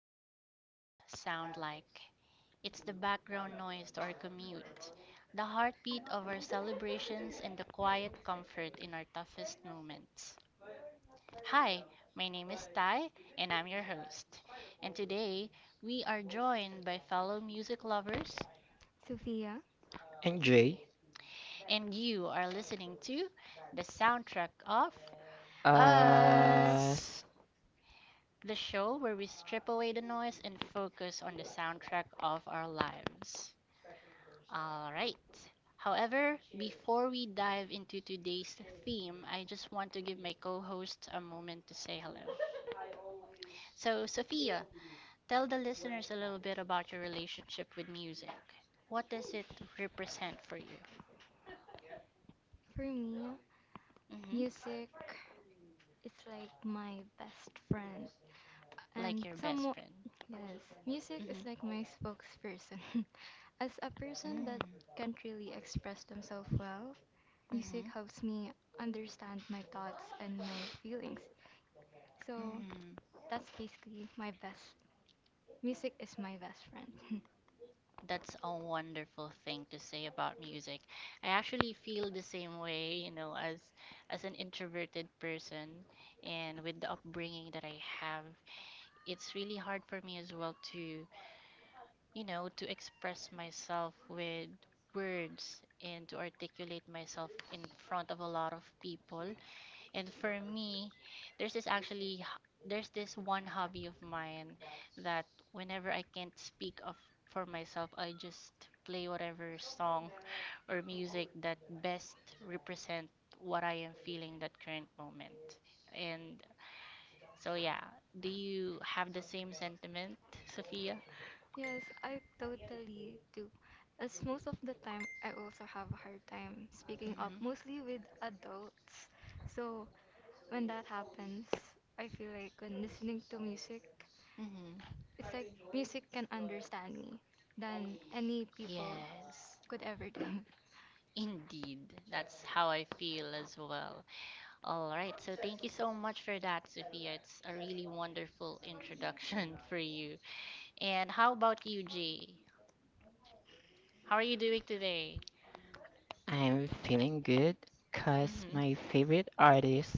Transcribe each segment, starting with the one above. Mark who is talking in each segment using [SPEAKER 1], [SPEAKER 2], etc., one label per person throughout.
[SPEAKER 1] what feelings sound like. It's the background noise to our commute, the heartbeat of our celebrations, and the quiet comfort in our toughest moments. Hi, my name is Ty, and I'm your host. And today, we are joined by fellow music lovers,
[SPEAKER 2] Sophia.
[SPEAKER 3] Enjoy.
[SPEAKER 1] and you are listening to the Soundtrack of
[SPEAKER 2] As
[SPEAKER 3] uh,
[SPEAKER 1] Us,
[SPEAKER 3] s-
[SPEAKER 1] the show where we strip away the noise and focus on the soundtrack of our lives. All right. However, before we dive into today's theme, I just want to give my co hosts a moment to say hello. So, Sophia, tell the listeners a little bit about your relationship with music. What does it represent for you?
[SPEAKER 2] for me,
[SPEAKER 1] hmm
[SPEAKER 2] music is like my best friend, and
[SPEAKER 1] Like your best
[SPEAKER 2] some
[SPEAKER 1] friend.
[SPEAKER 2] yes, music is
[SPEAKER 1] Mm-hmm.
[SPEAKER 2] like my spokesperson. As a person that
[SPEAKER 1] Mm-hmm.
[SPEAKER 2] can't really express themselves well, music
[SPEAKER 1] Mm-hmm.
[SPEAKER 2] helps me understand my thoughts and my feelings. So
[SPEAKER 1] Mm-hmm.
[SPEAKER 2] that's basically my best. Music is my best friend.
[SPEAKER 1] That's a wonderful thing to say about music. I actually feel the same way, as an introverted person and with the upbringing that I have, it's really hard for me as well to, to express myself with words and to articulate myself in front of a lot of people. And for me, there's this actually, there's this one hobby of mine that whenever I can't speak of for myself, I just play whatever song or music that best represent what I am feeling that current moment. And so yeah, do you have the same sentiment, Sophia?
[SPEAKER 2] Yes, I totally do. As most of the time, I also have a hard time speaking up,
[SPEAKER 1] Mm-hmm.
[SPEAKER 2] mostly with adults. So when that happens, I feel like when listening to music,
[SPEAKER 1] Mm-hmm.
[SPEAKER 2] it's like music can understand me than any people
[SPEAKER 1] Yes,
[SPEAKER 2] could ever do.
[SPEAKER 1] indeed. That's how I feel as well. All right, so thank you so much for that, Sophia. It's a really wonderful introduction for you. And how about you, Jay? How are you doing today?
[SPEAKER 3] I'm feeling good because
[SPEAKER 1] Mm-hmm.
[SPEAKER 3] my favorite artist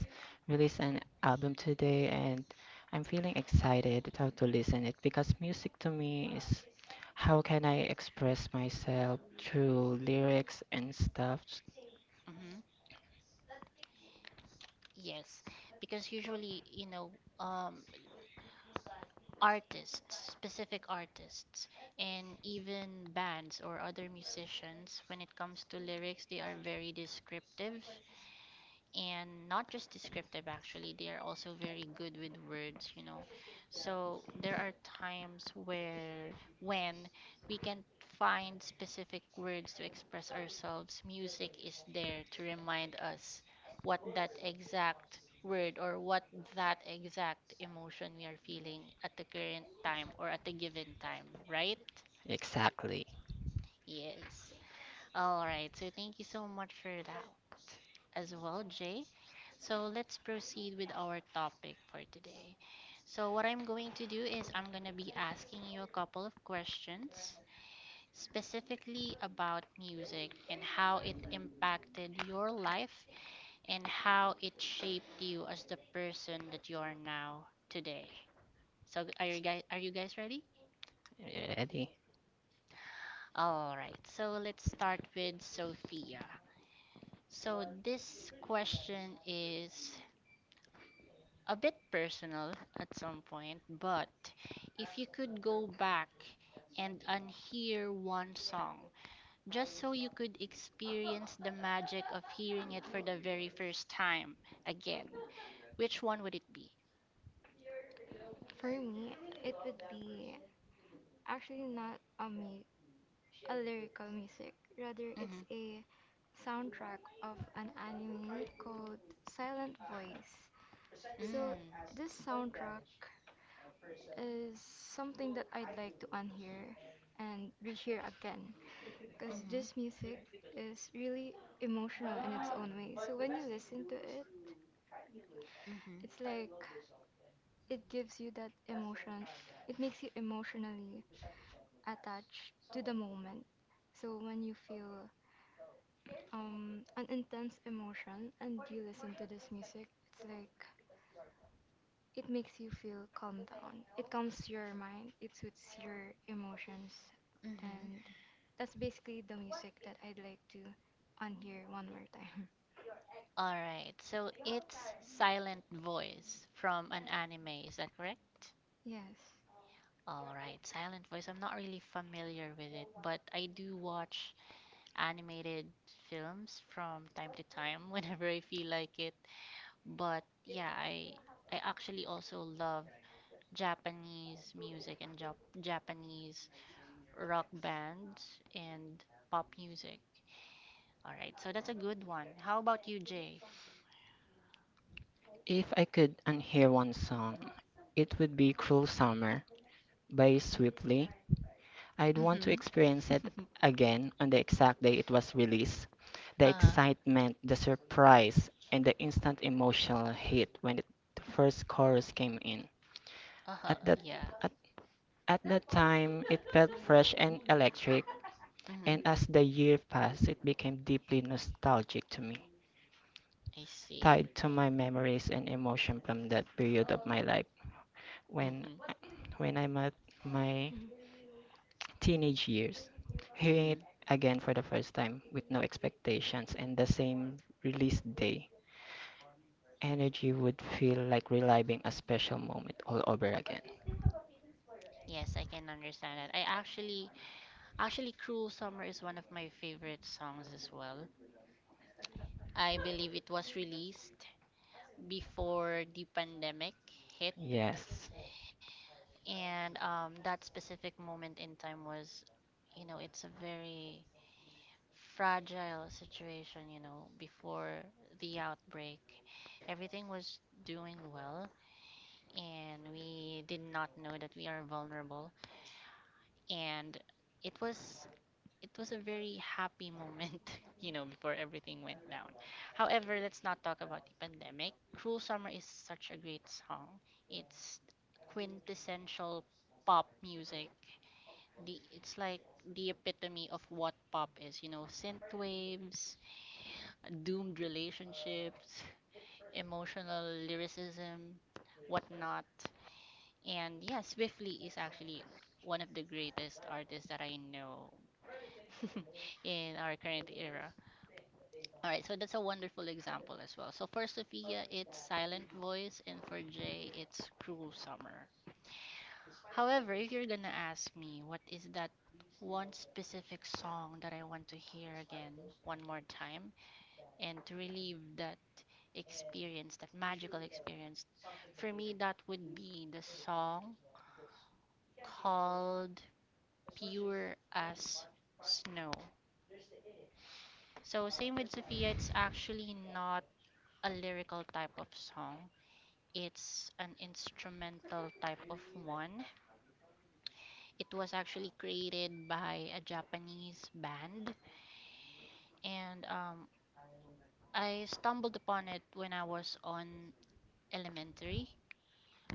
[SPEAKER 3] released an album today and I'm feeling excited how to listen it because music to me is how can I express myself through lyrics and stuff.
[SPEAKER 1] Mm-hmm. Yes, because usually, um, artists, specific artists, and even bands or other musicians, when it comes to lyrics, they are very descriptive, and not just descriptive, actually they are also very good with words, you know. So there are times where when we can find specific words to express ourselves, music is there to remind us what that exact word or what that exact emotion we are feeling at the current time or at a given time, right?
[SPEAKER 3] Exactly.
[SPEAKER 1] Yes, all right, so thank you so much for that as well, Jay. So let's proceed with our topic for today. So, what I'm going to do is I'm going to be asking you a couple of questions specifically about music and how it impacted your life and how it shaped you as the person that you are now today. So, are you guys ready?
[SPEAKER 3] Ready?
[SPEAKER 1] All right. So, let's start with Sophia. So this question is a bit personal at some point, but if you could go back and unhear one song just so you could experience the magic of hearing it for the very first time again, which one would it be?
[SPEAKER 2] For me, it would be actually not a, mu- a lyrical music, rather,
[SPEAKER 1] Mm-hmm.
[SPEAKER 2] it's a soundtrack of an anime called Silent Voice. So
[SPEAKER 1] Mm.
[SPEAKER 2] this soundtrack is something that I'd like to unhear and rehear again because
[SPEAKER 1] Mm-hmm.
[SPEAKER 2] this music is really emotional in its own way. So when you listen to it,
[SPEAKER 1] Mm-hmm.
[SPEAKER 2] it's like it gives you that emotion. It makes you emotionally attached to the moment. So when you feel an intense emotion and you listen to this music, it's like it makes you feel calm down. It calms your mind. It suits your emotions.
[SPEAKER 1] Mm-hmm.
[SPEAKER 2] And that's basically the music that I'd like to unhear one more time.
[SPEAKER 1] All right, so it's Silent Voice from an anime, is that correct?
[SPEAKER 2] Yes.
[SPEAKER 1] All right, Silent Voice. I'm not really familiar with it, but I do watch animated films from time to time whenever I feel like it. But yeah, I actually also love Japanese music and Japanese rock bands and pop music. All right, so that's a good one. How about you, Jay?
[SPEAKER 3] If I could unhear one song, it would be Cruel Summer by Swiftly. I'd want to
[SPEAKER 1] Mm-hmm.
[SPEAKER 3] experience it again on the exact day it was released. The excitement, the surprise, and the instant emotional hit when the first chorus came in.
[SPEAKER 1] Uh-huh,
[SPEAKER 3] At that
[SPEAKER 1] yeah.
[SPEAKER 3] at, at that time, it felt fresh and electric,
[SPEAKER 1] Mm-hmm.
[SPEAKER 3] and as the year passed, it became deeply nostalgic to me,
[SPEAKER 1] I see.
[SPEAKER 3] tied to my memories and emotion from that period of my life when
[SPEAKER 1] Mm-hmm.
[SPEAKER 3] when I met my
[SPEAKER 2] Mhm.
[SPEAKER 3] teenage years. Hearing
[SPEAKER 1] Mm-hmm.
[SPEAKER 3] it again for the first time with no expectations and the same release day, energy would feel like reliving a special moment all over again.
[SPEAKER 1] Yes, I can understand that. I actually actually Cruel Summer is one of my favorite songs as well. I believe it was released before the pandemic hit.
[SPEAKER 3] Yes,
[SPEAKER 1] And that specific moment in time was, you know, it's a very fragile situation, you know, before the outbreak. Everything was doing well, and we did not know that we are vulnerable. And it was it was a very happy moment, you know, before everything went down. However, let's not talk about the pandemic. Cruel Summer is such a great song. It's quintessential pop music. The It's like the epitome of what pop is, you know, synth waves, doomed relationships, emotional lyricism, whatnot. And yeah, Swiftly is actually one of the greatest artists that I know in our current era. All right, so that's a wonderful example as well. So for Sophia, it's Silent Voice, and for Jay, it's Cruel Summer. However, if you're gonna ask me, what is that one specific song that I want to hear again one more time and to relieve that experience, that magical experience. For me, that would be the song called Pure as Snow. So, same with Sophia, it's actually not a lyrical type of song. It's an instrumental type of one. It was actually created by a Japanese band, and I stumbled upon it when I was on elementary.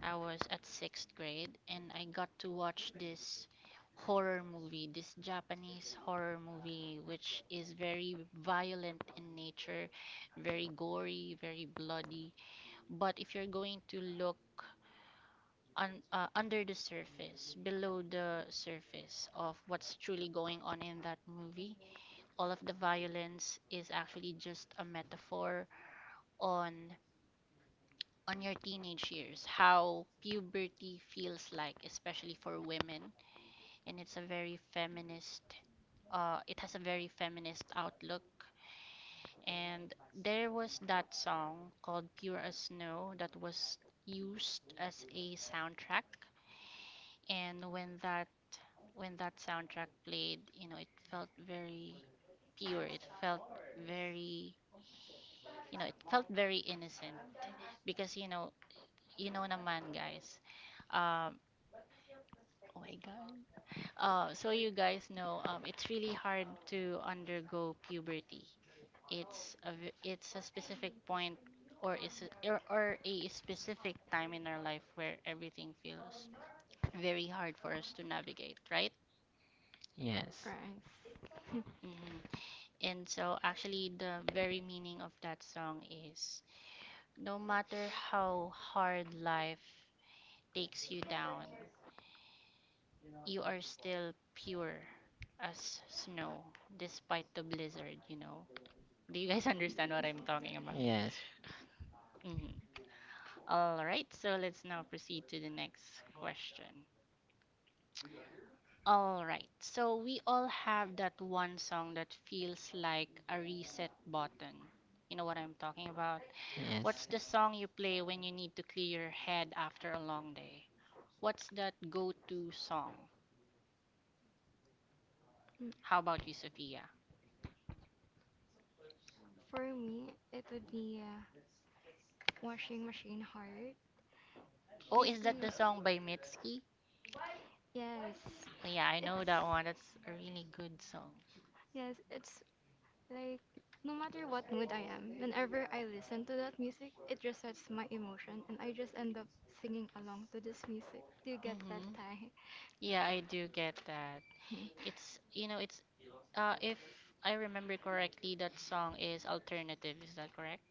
[SPEAKER 1] I was at sixth grade and I got to watch this horror movie, this Japanese horror movie, which is very violent in nature, very gory, very bloody. But if you're going to look under the surface, below the surface of what's truly going on in that movie, all of the violence is actually just a metaphor on your teenage years, how puberty feels like, especially for women, and it's a very feminist. It has a very feminist outlook, and there was that song called "Pure as Snow" that was used as a soundtrack, and when that soundtrack played, you know, it felt very pure. It felt very, you know, it felt very innocent because you know, naman guys, um, oh my God. So you guys know, it's really hard to undergo puberty. It's it's a specific point or or a specific time in our life where everything feels very hard for us to navigate, right?
[SPEAKER 3] yes,
[SPEAKER 2] Right.
[SPEAKER 1] hmm And so actually the very meaning of that song is no matter how hard life takes you down, you are still pure as snow despite the blizzard, you know. Do you guys understand what I'm talking about?
[SPEAKER 3] yes,
[SPEAKER 1] Mhm. All right, so let's now proceed to the next question. All right, so we all have that one song that feels like a reset button. You know what I'm talking about? What's
[SPEAKER 3] yes.
[SPEAKER 1] the song you play when you need to clear your head after a long day? What's that go to song?
[SPEAKER 2] Mm.
[SPEAKER 1] How about you, Sophia?
[SPEAKER 2] For me, it would be washing machine heart.
[SPEAKER 1] Oh, is that the
[SPEAKER 2] Basically,
[SPEAKER 1] song by Mitski?
[SPEAKER 2] yes.
[SPEAKER 1] Yeah, I
[SPEAKER 2] It's
[SPEAKER 1] know that one. That's a really good song.
[SPEAKER 2] yes, it's like, no matter what mood I am, whenever I listen to that music, it resets my emotion and I just end up singing along to this music. Do you get that,
[SPEAKER 1] Mm-hmm.
[SPEAKER 2] Thai?
[SPEAKER 1] Yeah, I do get that. It's, you know, it's if I remember correctly, that song is alternative, is that correct?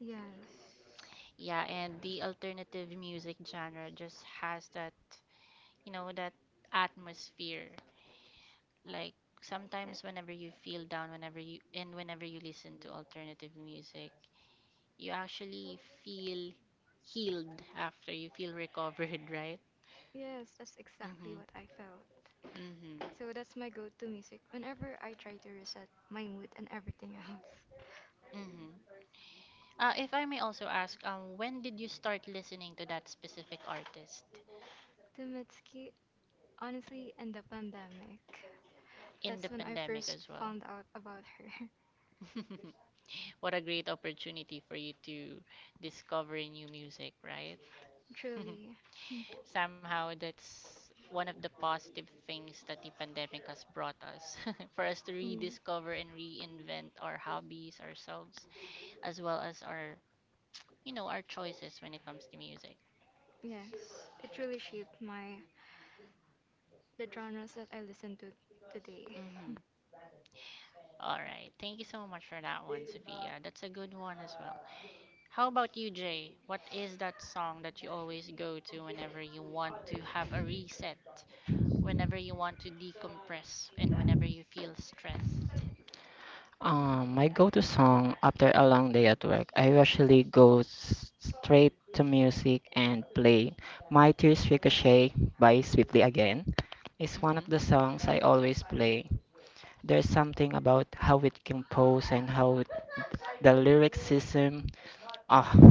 [SPEAKER 2] Yes.
[SPEAKER 1] Yeah, and the alternative music genre just has that, you know, that atmosphere. Like
[SPEAKER 2] Ye-
[SPEAKER 1] sometimes whenever you feel down, whenever you listen to alternative music, you actually feel healed, after you feel recovered, right?
[SPEAKER 2] Yes, that's exactly
[SPEAKER 1] Mm-hmm.
[SPEAKER 2] what I felt.
[SPEAKER 1] Mm-hmm.
[SPEAKER 2] So that's my go-to music whenever I try to reset my mood and everything else.
[SPEAKER 1] Mm-hmm. If I may also ask, when did you start listening to that specific artist?
[SPEAKER 2] To Mitski, honestly, and the pandemic.
[SPEAKER 1] In
[SPEAKER 2] That's
[SPEAKER 1] the
[SPEAKER 2] when I
[SPEAKER 1] pandemic
[SPEAKER 2] first
[SPEAKER 1] as well.
[SPEAKER 2] found out about her.
[SPEAKER 1] What a great opportunity for you to discover new music, right?
[SPEAKER 2] Truly.
[SPEAKER 1] Somehow that's one of the positive things that the pandemic has brought us for us to
[SPEAKER 2] Mm,
[SPEAKER 1] rediscover and reinvent our hobbies, ourselves, as well as our our choices when it comes to music.
[SPEAKER 2] yes. It really shaped my the genres that I listen to today.
[SPEAKER 1] Mm-hmm. All right. Thank you so much for that one, Sophia. That's a good one as well. How about you, Jay? What is that song that you always go to whenever you want to have a reset, whenever you want to decompress, and whenever you feel stressed?
[SPEAKER 3] My go-to song after a long day at work, I usually go straight to music and play My Tears Ricochet by Swiftly Again. It's one of
[SPEAKER 1] Mm-hmm.
[SPEAKER 3] the songs I always play. There's something about how it composed and how the lyricism, ah,
[SPEAKER 1] Mm-hmm.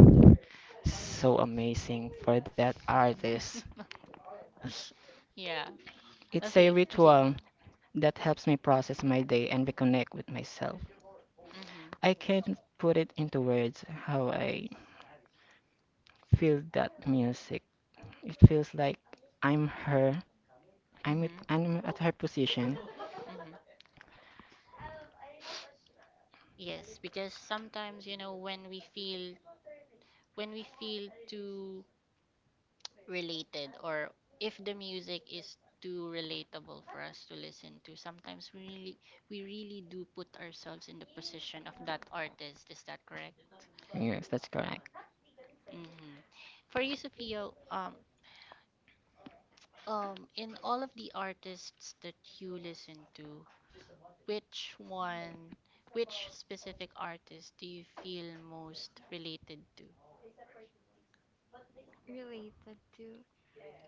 [SPEAKER 3] so amazing for that artist.
[SPEAKER 1] Yeah.
[SPEAKER 3] It's
[SPEAKER 1] Let's
[SPEAKER 3] a
[SPEAKER 1] see. Proceed.
[SPEAKER 3] ritual that helps me process my day and reconnect with myself.
[SPEAKER 1] Mm-hmm.
[SPEAKER 3] I can't put it into words how I feel that music. It feels like I'm her.
[SPEAKER 1] Mm-hmm.
[SPEAKER 3] I'm at her position.
[SPEAKER 1] Mm-hmm. Yes, because sometimes, you know, when we feel too related, or if the music is too relatable for us to listen to, sometimes we really do put ourselves in the position of that artist, is that correct?
[SPEAKER 3] Yes, that's correct.
[SPEAKER 1] Mm-hmm. For you, Sophia, in all of the artists that you listen to, which one which specific artist do you feel most related to?
[SPEAKER 2] Related to,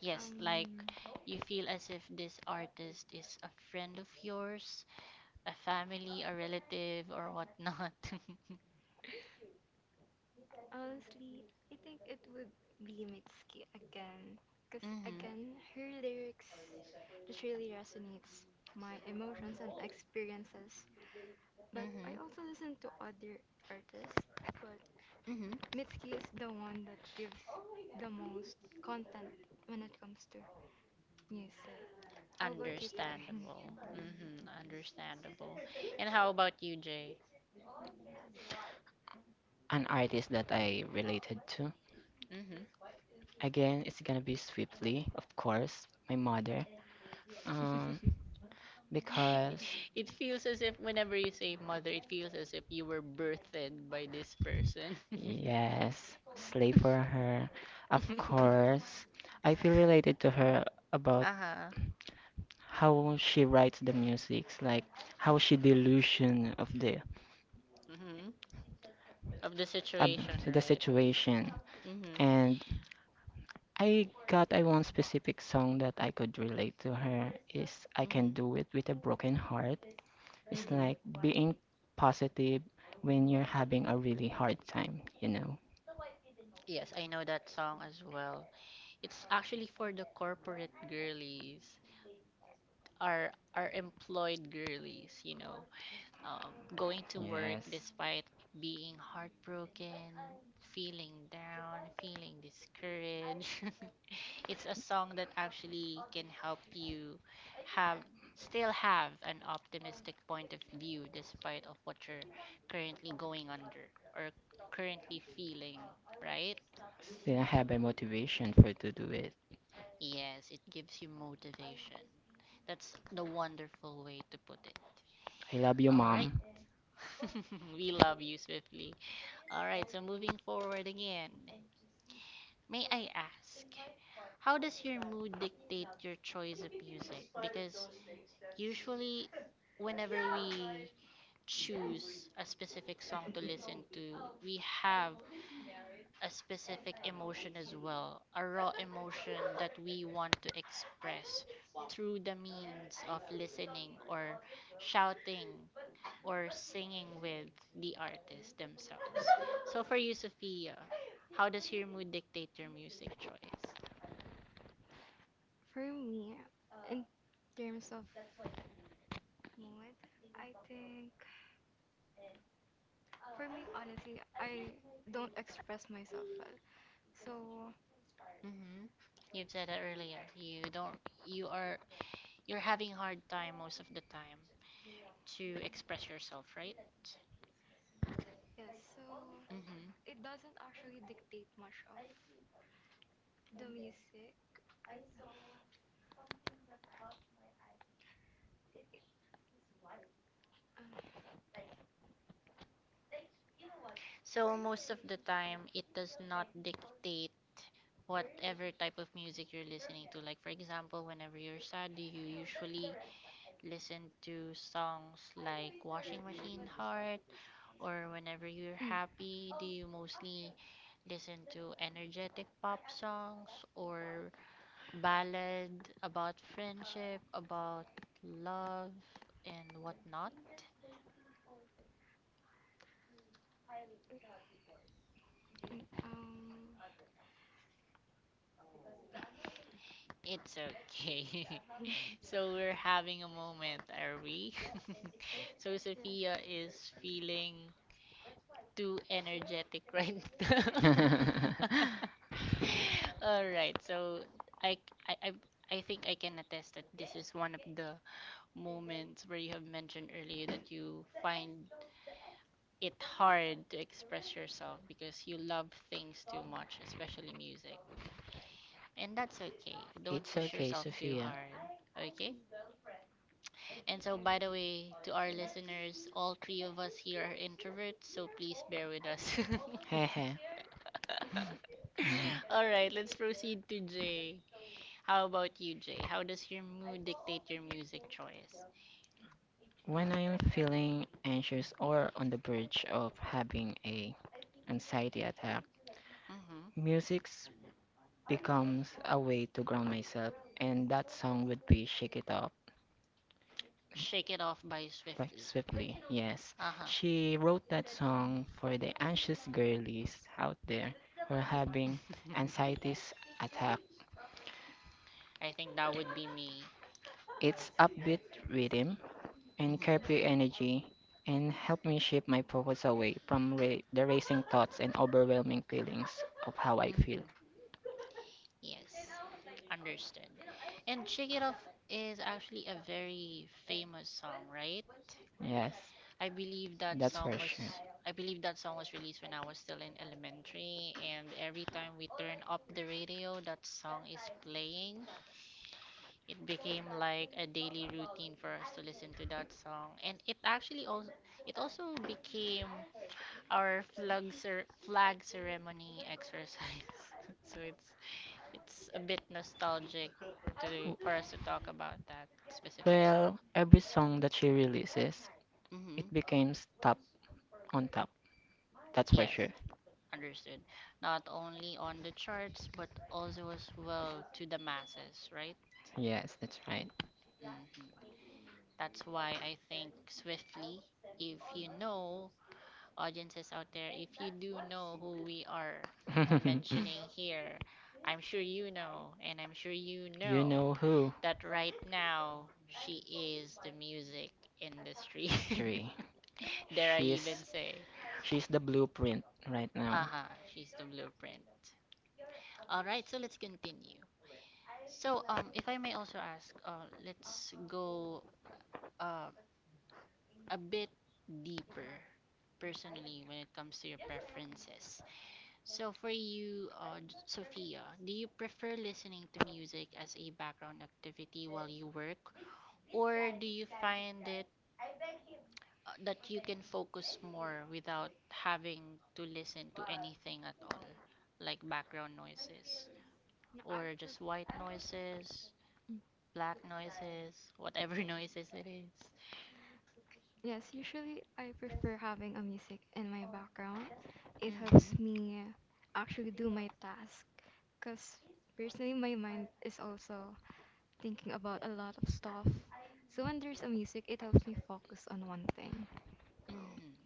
[SPEAKER 1] Yes, like
[SPEAKER 2] um,
[SPEAKER 1] you feel as if this artist is a friend of yours, a family, a relative, or whatnot.
[SPEAKER 2] honestly, I think it would be Mitski again. Because
[SPEAKER 1] Mm-hmm.
[SPEAKER 2] again, her lyrics just really resonates my emotions and experiences. But I
[SPEAKER 1] Mm-hmm.
[SPEAKER 2] also listen to other artists, but
[SPEAKER 1] Mm-hmm.
[SPEAKER 2] Mitski is the one that gives the most content when it comes to music. How about you, Tai?
[SPEAKER 1] Understandable. Mm-hmm. Understandable. And how about you, Jay?
[SPEAKER 3] An artist that I related to.
[SPEAKER 1] Mm-hmm.
[SPEAKER 3] Again, it's gonna be Swiftly, of course, my mother. Um, because
[SPEAKER 1] It feels as if whenever you say mother, it feels as if you were birthed by this person.
[SPEAKER 3] yes, slave for her. Of course, I feel related to her about
[SPEAKER 1] Uh-huh.
[SPEAKER 3] how she writes the musics, like how she delusion
[SPEAKER 1] Mm-hmm. Of the
[SPEAKER 3] of
[SPEAKER 1] situation,
[SPEAKER 3] the
[SPEAKER 1] right?
[SPEAKER 3] situation.
[SPEAKER 1] Mm-hmm.
[SPEAKER 3] And I got I one specific song that I could relate to her is I Can
[SPEAKER 1] Mm-hmm.
[SPEAKER 3] Do It with a Broken Heart. It's
[SPEAKER 1] Mm-hmm.
[SPEAKER 3] like being positive when you're having a really hard time, you know?
[SPEAKER 1] Yes, I know that song as well. It's actually for the corporate girlies. Are employed girlies, you know, going to work
[SPEAKER 3] Yes.
[SPEAKER 1] despite being heartbroken, feeling down, feeling discouraged. It's a song that actually can help you have still have an optimistic point of view despite of what you're currently going under or currently feeling, right?
[SPEAKER 3] Still have a motivation for to do it.
[SPEAKER 1] Yes, it gives you motivation. That's the wonderful way to put it.
[SPEAKER 3] I love you,
[SPEAKER 1] All right.
[SPEAKER 3] mom.
[SPEAKER 1] We love you, Swiftly. All right, so moving forward again. May I ask, how does your mood dictate your choice of music? Because usually, whenever we choose a specific song to listen to, we have a specific emotion as well, a raw emotion that we want to express through the means of listening or shouting or singing with the artist themselves. So for you, Sophia, how does your mood dictate your music choice?
[SPEAKER 2] For me, in terms of mood, I think for me, honestly, I don't express myself well. So,
[SPEAKER 1] Mm-hmm. You've said that earlier. You don't. You are. You're having hard time most of the time to express yourself, right?
[SPEAKER 2] yes, so
[SPEAKER 1] Mm-hmm.
[SPEAKER 2] it doesn't actually dictate much of the music.
[SPEAKER 1] So most of the time, it does not dictate whatever type of music you're listening to. Like for example, whenever you're sad, you usually listen to songs like Washing Machine Heart, or whenever you're
[SPEAKER 2] Uh,
[SPEAKER 1] happy, do you mostly listen to energetic pop songs or ballad about friendship, about love and whatnot?
[SPEAKER 2] um,
[SPEAKER 1] It's okay. So we're having a moment, are we? so
[SPEAKER 2] yes,
[SPEAKER 1] Sophia is feeling too energetic right now. All right, so I, I think I can attest that this is one of the moments where you have mentioned earlier that you find it hard to express yourself because you love things too much, especially music. And that's okay. Don't
[SPEAKER 3] It's
[SPEAKER 1] push
[SPEAKER 3] okay,
[SPEAKER 1] yourself too
[SPEAKER 3] Sophia.
[SPEAKER 1] hard, okay? And so,
[SPEAKER 2] and
[SPEAKER 1] by the way, to our listeners, all three of us here are introverts, so please bear with us.
[SPEAKER 3] Hehe. Mhm.
[SPEAKER 1] All right, let's proceed to Jay. How about you, Jay? How does your mood dictate your music choice?
[SPEAKER 3] When I am feeling anxious or on the verge of having a anxiety attack,
[SPEAKER 1] Mm-hmm.
[SPEAKER 3] music becomes a way to ground myself, and that song would be "Shake It Off"
[SPEAKER 1] Shake It Off by
[SPEAKER 3] by
[SPEAKER 1] Swiftly.
[SPEAKER 3] Swiftly. Yes,
[SPEAKER 1] Uh-huh.
[SPEAKER 3] she wrote that song for the anxious girlies out there who are having anxiety attacks.
[SPEAKER 1] I think that would be me.
[SPEAKER 3] It's upbeat rhythm and
[SPEAKER 1] Mm-hmm.
[SPEAKER 3] carefree energy and help me shift my focus away from the racing thoughts and overwhelming feelings of how I feel.
[SPEAKER 1] Mm-hmm. Yes. Understood. And Shake It Off is actually a very famous song, right?
[SPEAKER 3] Yes,
[SPEAKER 1] I believe that
[SPEAKER 3] that's for
[SPEAKER 1] song
[SPEAKER 3] sure.
[SPEAKER 1] was I believe that song was released when I was still in elementary and every time we turn up the radio that song is playing. It became like a daily routine for us to listen to that song and it actually also it also became our flag ceremony exercise. so it's a bit nostalgic to
[SPEAKER 3] W-
[SPEAKER 1] for us to talk about that specific song.
[SPEAKER 3] Well, every song that she releases, it
[SPEAKER 1] Mhm.
[SPEAKER 3] becomes top on top. That's for
[SPEAKER 1] Yes.
[SPEAKER 3] sure.
[SPEAKER 1] Understood. Not only on the charts, but also as well to the masses, right?
[SPEAKER 3] Yes, that's right.
[SPEAKER 1] Hmm. That's why I think Swiftly, if you know, audiences out there, if you do know who we are mentioning here, I'm sure you know, and I'm sure you
[SPEAKER 3] You
[SPEAKER 1] know
[SPEAKER 3] know who?
[SPEAKER 1] that right now she is the music industry.
[SPEAKER 3] It's three.
[SPEAKER 1] Dare I even
[SPEAKER 3] She's
[SPEAKER 1] say,
[SPEAKER 3] she's the blueprint right now.
[SPEAKER 1] aha, she's the blueprint. All right, so let's continue. So, if I may also ask, let's go uh, a bit deeper personally when it comes to your preferences. So, for you, Sophia, do you prefer listening to music as a background activity while you work, or do you find it that you can focus more without having to listen to anything at all, like background noises
[SPEAKER 2] No, I
[SPEAKER 1] or
[SPEAKER 2] prefer.
[SPEAKER 1] just white noises? Black noises, whatever noises it is.
[SPEAKER 2] Yes, usually I prefer having a music in my background. It
[SPEAKER 1] Mm-hmm.
[SPEAKER 2] helps me actually do my task because personally my mind is also thinking about a lot of stuff. So when there's a music, it helps me focus on one thing. So,
[SPEAKER 1] Mm-hmm.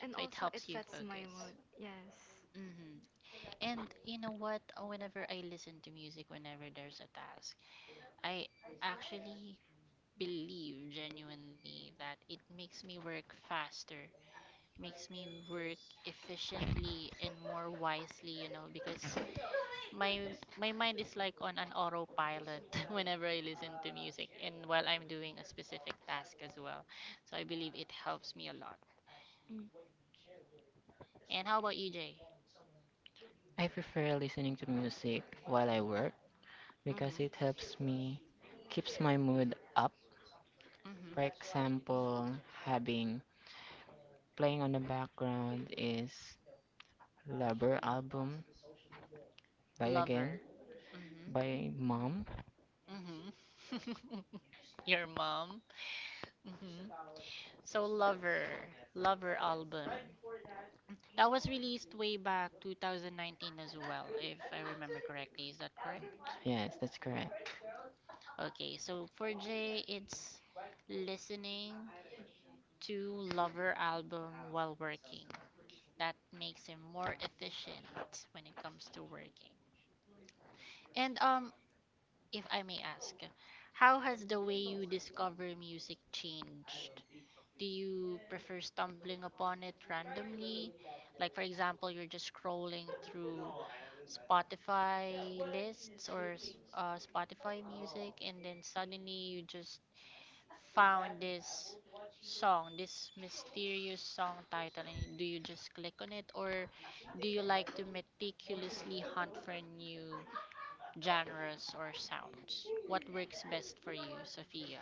[SPEAKER 2] and
[SPEAKER 1] So it
[SPEAKER 2] also it
[SPEAKER 1] helps you
[SPEAKER 2] sets my
[SPEAKER 1] focus.
[SPEAKER 2] mood. Yes.
[SPEAKER 1] Mm-hmm. And you know what? Whenever I listen to music, whenever there's a task, I actually believe genuinely that it makes me work faster, makes me work efficiently and more wisely, you know, because My my mind is like on an autopilot whenever I listen to music and while I'm doing a specific task as well. So I believe it helps me a lot.
[SPEAKER 2] Mm.
[SPEAKER 1] And how about you, Jay?
[SPEAKER 3] I prefer listening to music while I work because
[SPEAKER 1] Mm-hmm.
[SPEAKER 3] it helps me keeps my mood up. For
[SPEAKER 1] Mm-hmm.
[SPEAKER 3] example, having playing on the background is Lover album by again
[SPEAKER 1] Lover. Mm-hmm.
[SPEAKER 3] by mom.
[SPEAKER 1] Mm-hmm. Your mom. Mm-hmm. So Lover. Lover album. That was released way back 2019 as well, if I remember correctly. Is that correct?
[SPEAKER 3] Yes, that's correct.
[SPEAKER 1] Okay, so for J, it's listening to Lover album while working. That makes him more efficient when it comes to working. And if I may ask, how has the way you discover music changed? Do you prefer stumbling upon it randomly? Like, for example, you're just scrolling through Spotify lists or Spotify music, and then suddenly you just found this song, this mysterious song title, and do you just click on it, or do you like to meticulously hunt for new genres or sounds? What works best for you, Sophia?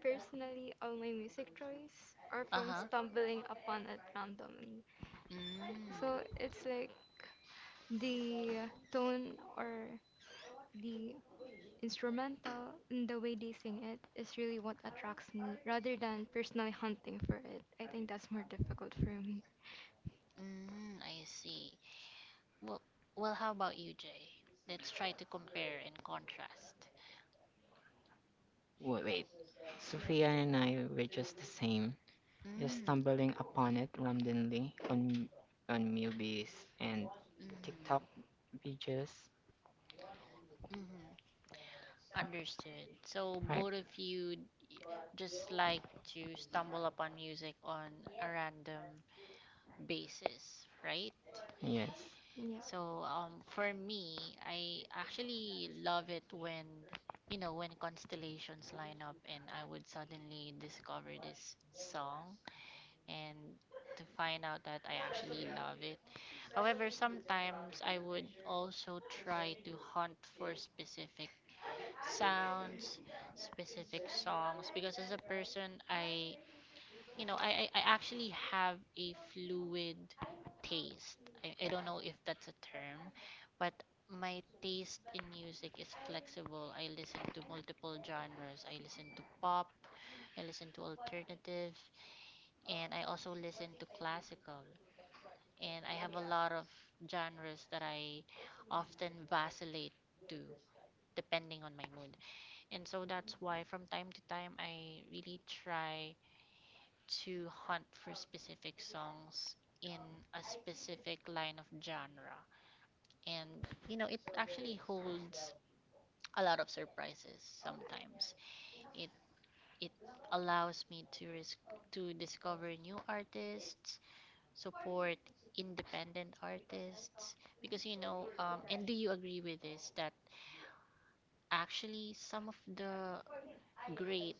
[SPEAKER 2] Personally, all my music choice are
[SPEAKER 1] Uh
[SPEAKER 2] from
[SPEAKER 1] huh.
[SPEAKER 2] stumbling upon it randomly.
[SPEAKER 1] Mm,
[SPEAKER 2] So it's like the tone or the instrumental and the way they sing it is really what attracts me rather than personally hunting for it. I think that's more difficult for me.
[SPEAKER 1] I see. Well, well, how about you, Jay? Let's try to compare and contrast.
[SPEAKER 3] Wait, wait. Sophia and I were just the same, just
[SPEAKER 1] Mm,
[SPEAKER 3] stumbling upon it randomly on Mubi's and
[SPEAKER 1] mm,
[SPEAKER 3] TikTok videos,
[SPEAKER 1] mm. Understood. So both
[SPEAKER 3] right?
[SPEAKER 1] of you d- just like to stumble upon music on a random basis, right?
[SPEAKER 3] Yes,
[SPEAKER 2] Yeah.
[SPEAKER 1] So for me, I actually love it when you know when constellations line up and I would suddenly discover this song and to find out that I actually love it. However, sometimes I would also try to hunt for specific sounds, specific songs. Because as a person, you know, I actually have a fluid taste. I don't know if that's a term, but my taste in music is flexible. I listen to multiple genres. I listen to pop, I listen to alternative, and I also listen to classical. And I have a lot of genres that I often vacillate to depending on my mood. And so that's why from time to time I really try to hunt for specific songs in a specific line of genre. And you know, it actually holds a lot of surprises sometimes. It it allows me to risk to discover new artists, support independent artists because you know and do you agree with this that actually some of the great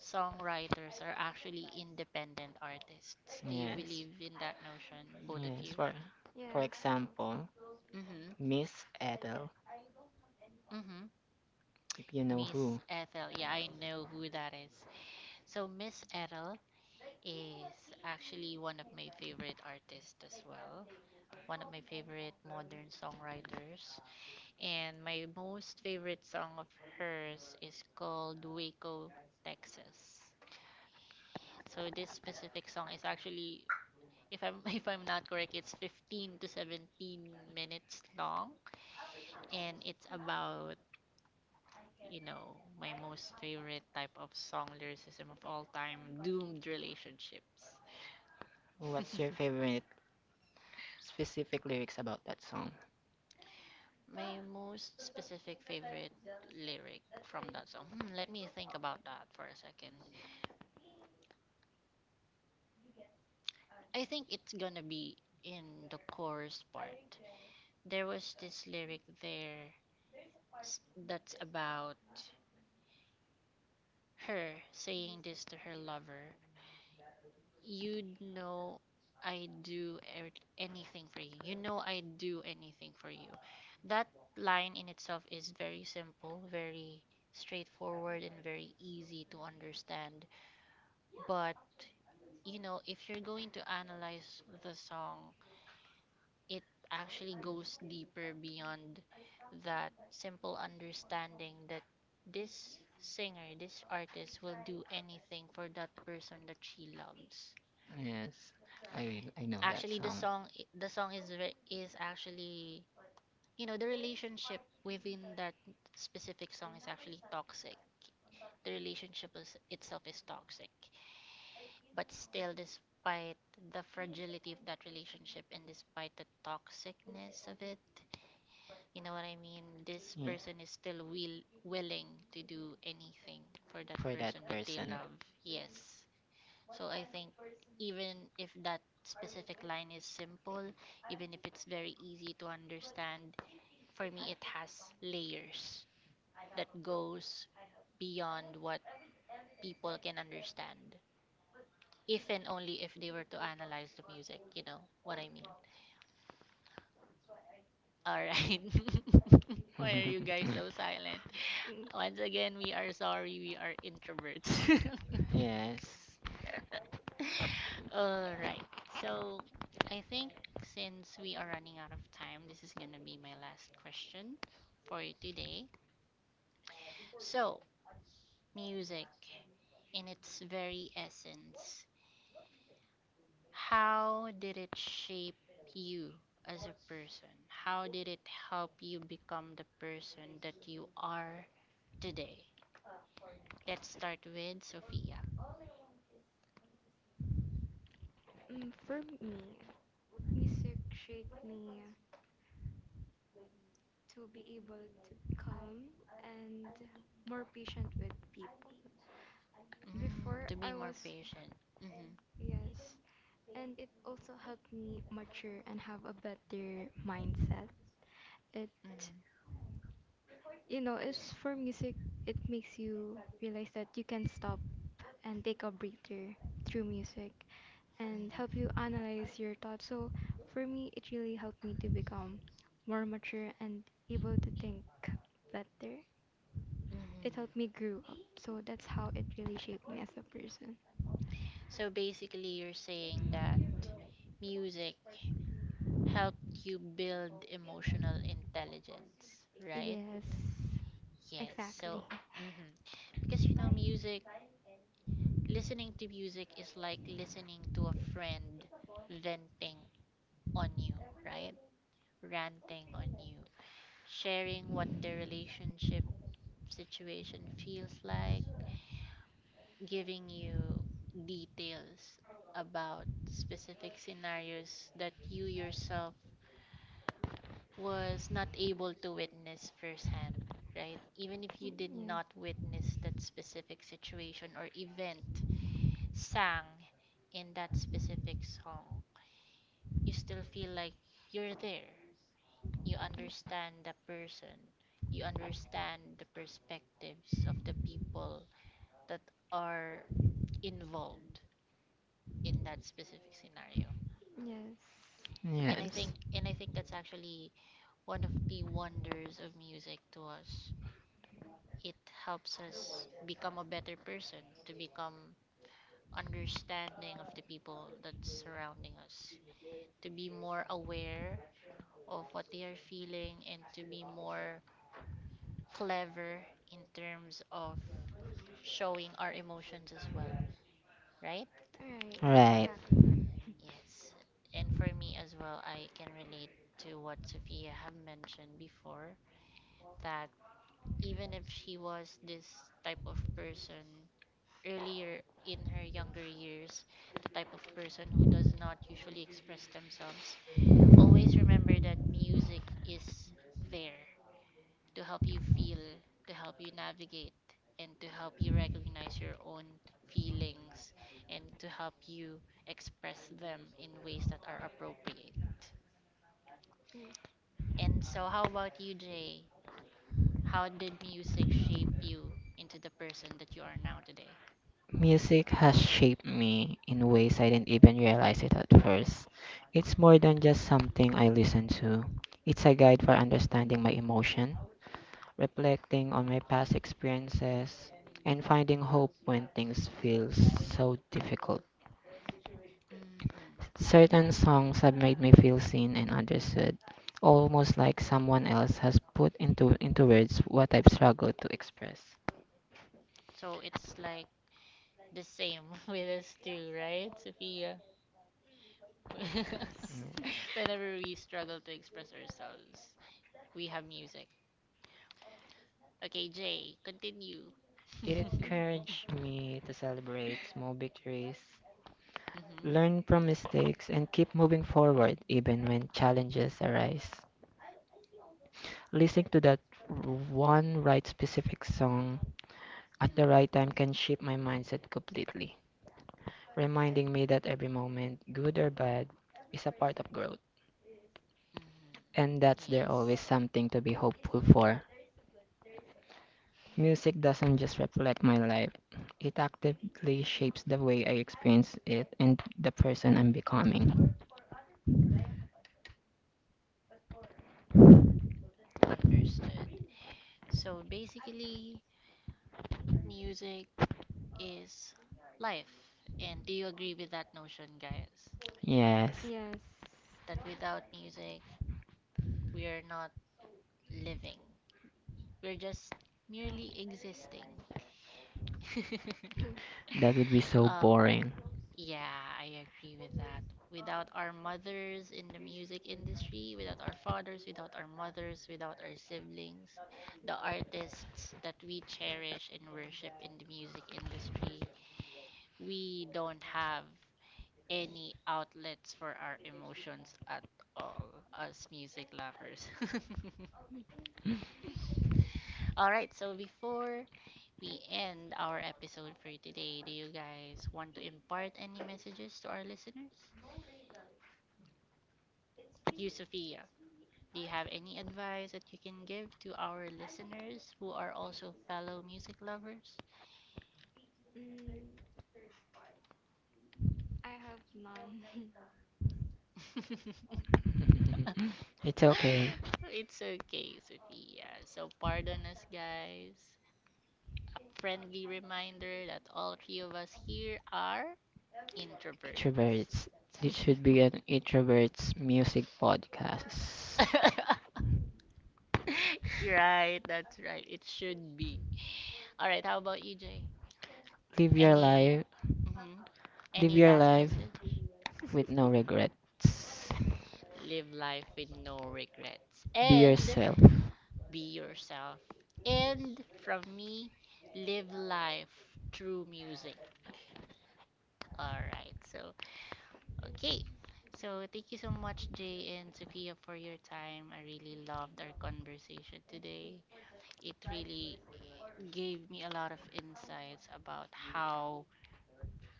[SPEAKER 1] songwriters are actually independent artists. Do you
[SPEAKER 3] yes,
[SPEAKER 1] believe in that notion, both of you?
[SPEAKER 3] yes. For
[SPEAKER 2] Yes, I
[SPEAKER 3] example,
[SPEAKER 2] also.
[SPEAKER 1] Mm-hmm.
[SPEAKER 3] Miss Ethel,
[SPEAKER 1] Mm-hmm.
[SPEAKER 3] if you know
[SPEAKER 1] Miss
[SPEAKER 3] who,
[SPEAKER 1] Ethel. Yeah, I know who that is. So Miss Ethel is actually one of my favorite artists as well. One of my favorite modern songwriters. And my most favorite song of hers is called Waco, Texas. So this specific song is actually if I'm if I'm not correct, it's 15 to 17 minutes long and it's
[SPEAKER 2] Yeah.
[SPEAKER 1] about you know, my most favorite type of song lyricism of all time, doomed relationships.
[SPEAKER 3] what's your favorite specific lyrics about that song?
[SPEAKER 1] my most specific favorite lyric from that song. Hmm, let me think about that for a second. I think it's gonna be in the chorus part. There was this lyric there s- that's about her saying this to her lover. You know I do anything for you. You know I do anything for you. That line in itself is very simple, very straightforward, and very easy to understand. But, you know, if you're going to analyze the song, it actually goes deeper beyond that simple understanding that this singer, this artist will do anything for that person that she loves.
[SPEAKER 3] Yes, I will- I know that
[SPEAKER 1] Actually,
[SPEAKER 3] song.
[SPEAKER 1] the song is actually you know the relationship within that specific song is actually toxic. The relationship is, itself is toxic, but still, despite the fragility of that relationship and despite the toxicness of it, you know what I mean. This
[SPEAKER 3] Yeah,
[SPEAKER 1] person is still willing to do anything for that
[SPEAKER 3] for that
[SPEAKER 1] person that they
[SPEAKER 3] person.
[SPEAKER 1] love. Yes. So I think even if that specific line is simple, even if it's very easy to understand, for me it has layers that goes beyond what people can understand. If and only if they were to analyze the music, you know what I mean. All right. Why are you guys so silent?
[SPEAKER 2] Mm,
[SPEAKER 1] Once again, we are sorry, we are introverts.
[SPEAKER 3] Yes,
[SPEAKER 1] All right. So I think since we are running out of time, this is gonna be my last question for you today. So, music in its very essence, how did it shape you as a person? How did it help you become the person that you are today? Let's start with Sophia.
[SPEAKER 2] for me, music shaped me to be able to calm and more patient with people.
[SPEAKER 1] Mm,
[SPEAKER 2] Before
[SPEAKER 1] to be
[SPEAKER 2] I
[SPEAKER 1] more
[SPEAKER 2] was,
[SPEAKER 1] patient. Mm-hmm,
[SPEAKER 2] yes, and it also helped me mature and have a better mindset. It,
[SPEAKER 1] mm-hmm,
[SPEAKER 2] you know, it's for music, it makes you realize that you can stop and take a breather through music and
[SPEAKER 1] mm-hmm.
[SPEAKER 2] help you analyze your thoughts. So for me, it really helped me to become more mature and able to think better. It
[SPEAKER 1] Hmm.
[SPEAKER 2] helped me grow up. So that's how it really shaped me as a person.
[SPEAKER 1] So basically, you're saying that music helped you build emotional intelligence, right?
[SPEAKER 2] Yes,
[SPEAKER 1] Yes.
[SPEAKER 2] exactly.
[SPEAKER 1] So, mm-hmm. Because you know, music, listening to music is like listening to a friend venting on you, right? Ranting on you, sharing what the relationship situation feels like, giving you details about specific scenarios that you yourself was not able to witness firsthand, right? Even if you did
[SPEAKER 2] Yeah.
[SPEAKER 1] not witness that specific situation or event sang in that specific song, you still feel like you're there. You understand the person, you understand the perspectives of the people that are involved in that specific scenario.
[SPEAKER 2] Yes.
[SPEAKER 1] And
[SPEAKER 3] yes.
[SPEAKER 1] I think that's actually one of the wonders of music to us. It helps us become a better person, to become understanding of the people that's surrounding us, to be more aware of what they are feeling, and to be more clever in terms of showing our emotions as well, right?
[SPEAKER 2] All right.
[SPEAKER 3] Right.
[SPEAKER 2] Exactly.
[SPEAKER 1] Yes. And for me as well, I can relate to what Sophia have mentioned before that even if she was this type of person earlier in her younger years, the type of person who does not usually express themselves, always remember that music is there to help you feel, to help you navigate, and to help you recognize your own feelings and to help you express them in ways that are appropriate.
[SPEAKER 2] Ye-
[SPEAKER 1] And so, how about you, Jay? How did music shape you into the person that you are now today?
[SPEAKER 3] Music has shaped me in ways I didn't even realize it at first. It's more
[SPEAKER 1] Mm-hmm.
[SPEAKER 3] than just something I listen to. It's a guide for understanding my emotions, reflecting on my past experiences, and finding hope when things feel so difficult.
[SPEAKER 1] Hmm.
[SPEAKER 3] Certain songs have made me feel seen and understood, almost like someone else has into words what I've struggled to express.
[SPEAKER 1] So it's like the same with us too, right, Sophia?
[SPEAKER 2] Yes.
[SPEAKER 3] Yes.
[SPEAKER 1] Whenever we struggle to express ourselves, we have music. Okay, Jay, continue.
[SPEAKER 3] It
[SPEAKER 1] hmm.
[SPEAKER 3] encouraged
[SPEAKER 2] Mhm.
[SPEAKER 3] me to celebrate small victories, learn from mistakes, and keep moving forward even when challenges arise. Listening to that one right specific song at the
[SPEAKER 1] Hmm.
[SPEAKER 3] right time can shift my mindset completely, reminding me that every moment, good or bad, is a part of growth,
[SPEAKER 1] Hmm.
[SPEAKER 3] and that there's
[SPEAKER 1] Yes,
[SPEAKER 3] always something to be hopeful for. Music doesn't just reflect my life, it actively shapes the way I experience it and the person I'm becoming.
[SPEAKER 1] understood. So basically, music is life. And do you agree with that notion, guys?
[SPEAKER 3] Yes,
[SPEAKER 2] Yes.
[SPEAKER 1] That without music, we are not living. We're just merely existing.
[SPEAKER 2] Mhm.
[SPEAKER 3] that would be so
[SPEAKER 1] Oh,
[SPEAKER 3] boring.
[SPEAKER 1] yeah, I agree with that. Without our mothers in the music industry, without our fathers, without our mothers, without our siblings, the artists that we cherish and worship in the music industry, we don't have any outlets for our emotions at all, us music lovers.
[SPEAKER 2] Mhm.
[SPEAKER 1] All right, so before we end our episode for today, do you guys want to impart any messages to our listeners? You, Sophia, do you have any advice that you can give to our listeners who are also fellow music lovers?
[SPEAKER 2] Mm, I have none.
[SPEAKER 3] It's okay,
[SPEAKER 1] It's okay, Sophia. So pardon us, guys. A friendly reminder that all three of us here are introverts.
[SPEAKER 3] introverts. This should be an introverts music podcast.
[SPEAKER 1] You're right, that's right. It should be. All right, how about you, Jay?
[SPEAKER 3] Live your
[SPEAKER 1] Any
[SPEAKER 3] life,
[SPEAKER 1] mhm,
[SPEAKER 3] live
[SPEAKER 1] any
[SPEAKER 3] your
[SPEAKER 1] last
[SPEAKER 3] life
[SPEAKER 1] message?
[SPEAKER 3] with no regrets.
[SPEAKER 1] Live life with no regrets
[SPEAKER 3] Be
[SPEAKER 1] and
[SPEAKER 3] yourself.
[SPEAKER 1] be yourself. And from me, live life through music. All right. Okay. So, thank you so much, Jay and Sophia, for your time. I really loved our conversation today. It really gave me a lot of insights about how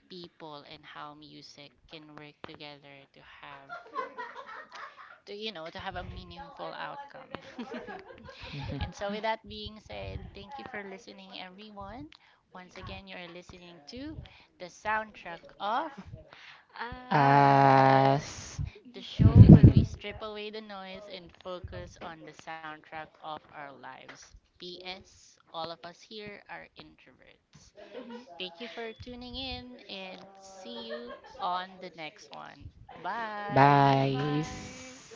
[SPEAKER 1] people and how music can work together to have to you know to have a meaningful outcome. and so with that being said, thank you for listening everyone. Once again, you're listening to The Soundtrack of
[SPEAKER 2] As
[SPEAKER 3] As.
[SPEAKER 1] Us, the show where we strip away the noise and focus on the soundtrack of our lives. PS, all of us here are introverts. Thank you for tuning in and see you on the next one.
[SPEAKER 2] bye
[SPEAKER 3] Bye.
[SPEAKER 1] Bye.
[SPEAKER 2] bye.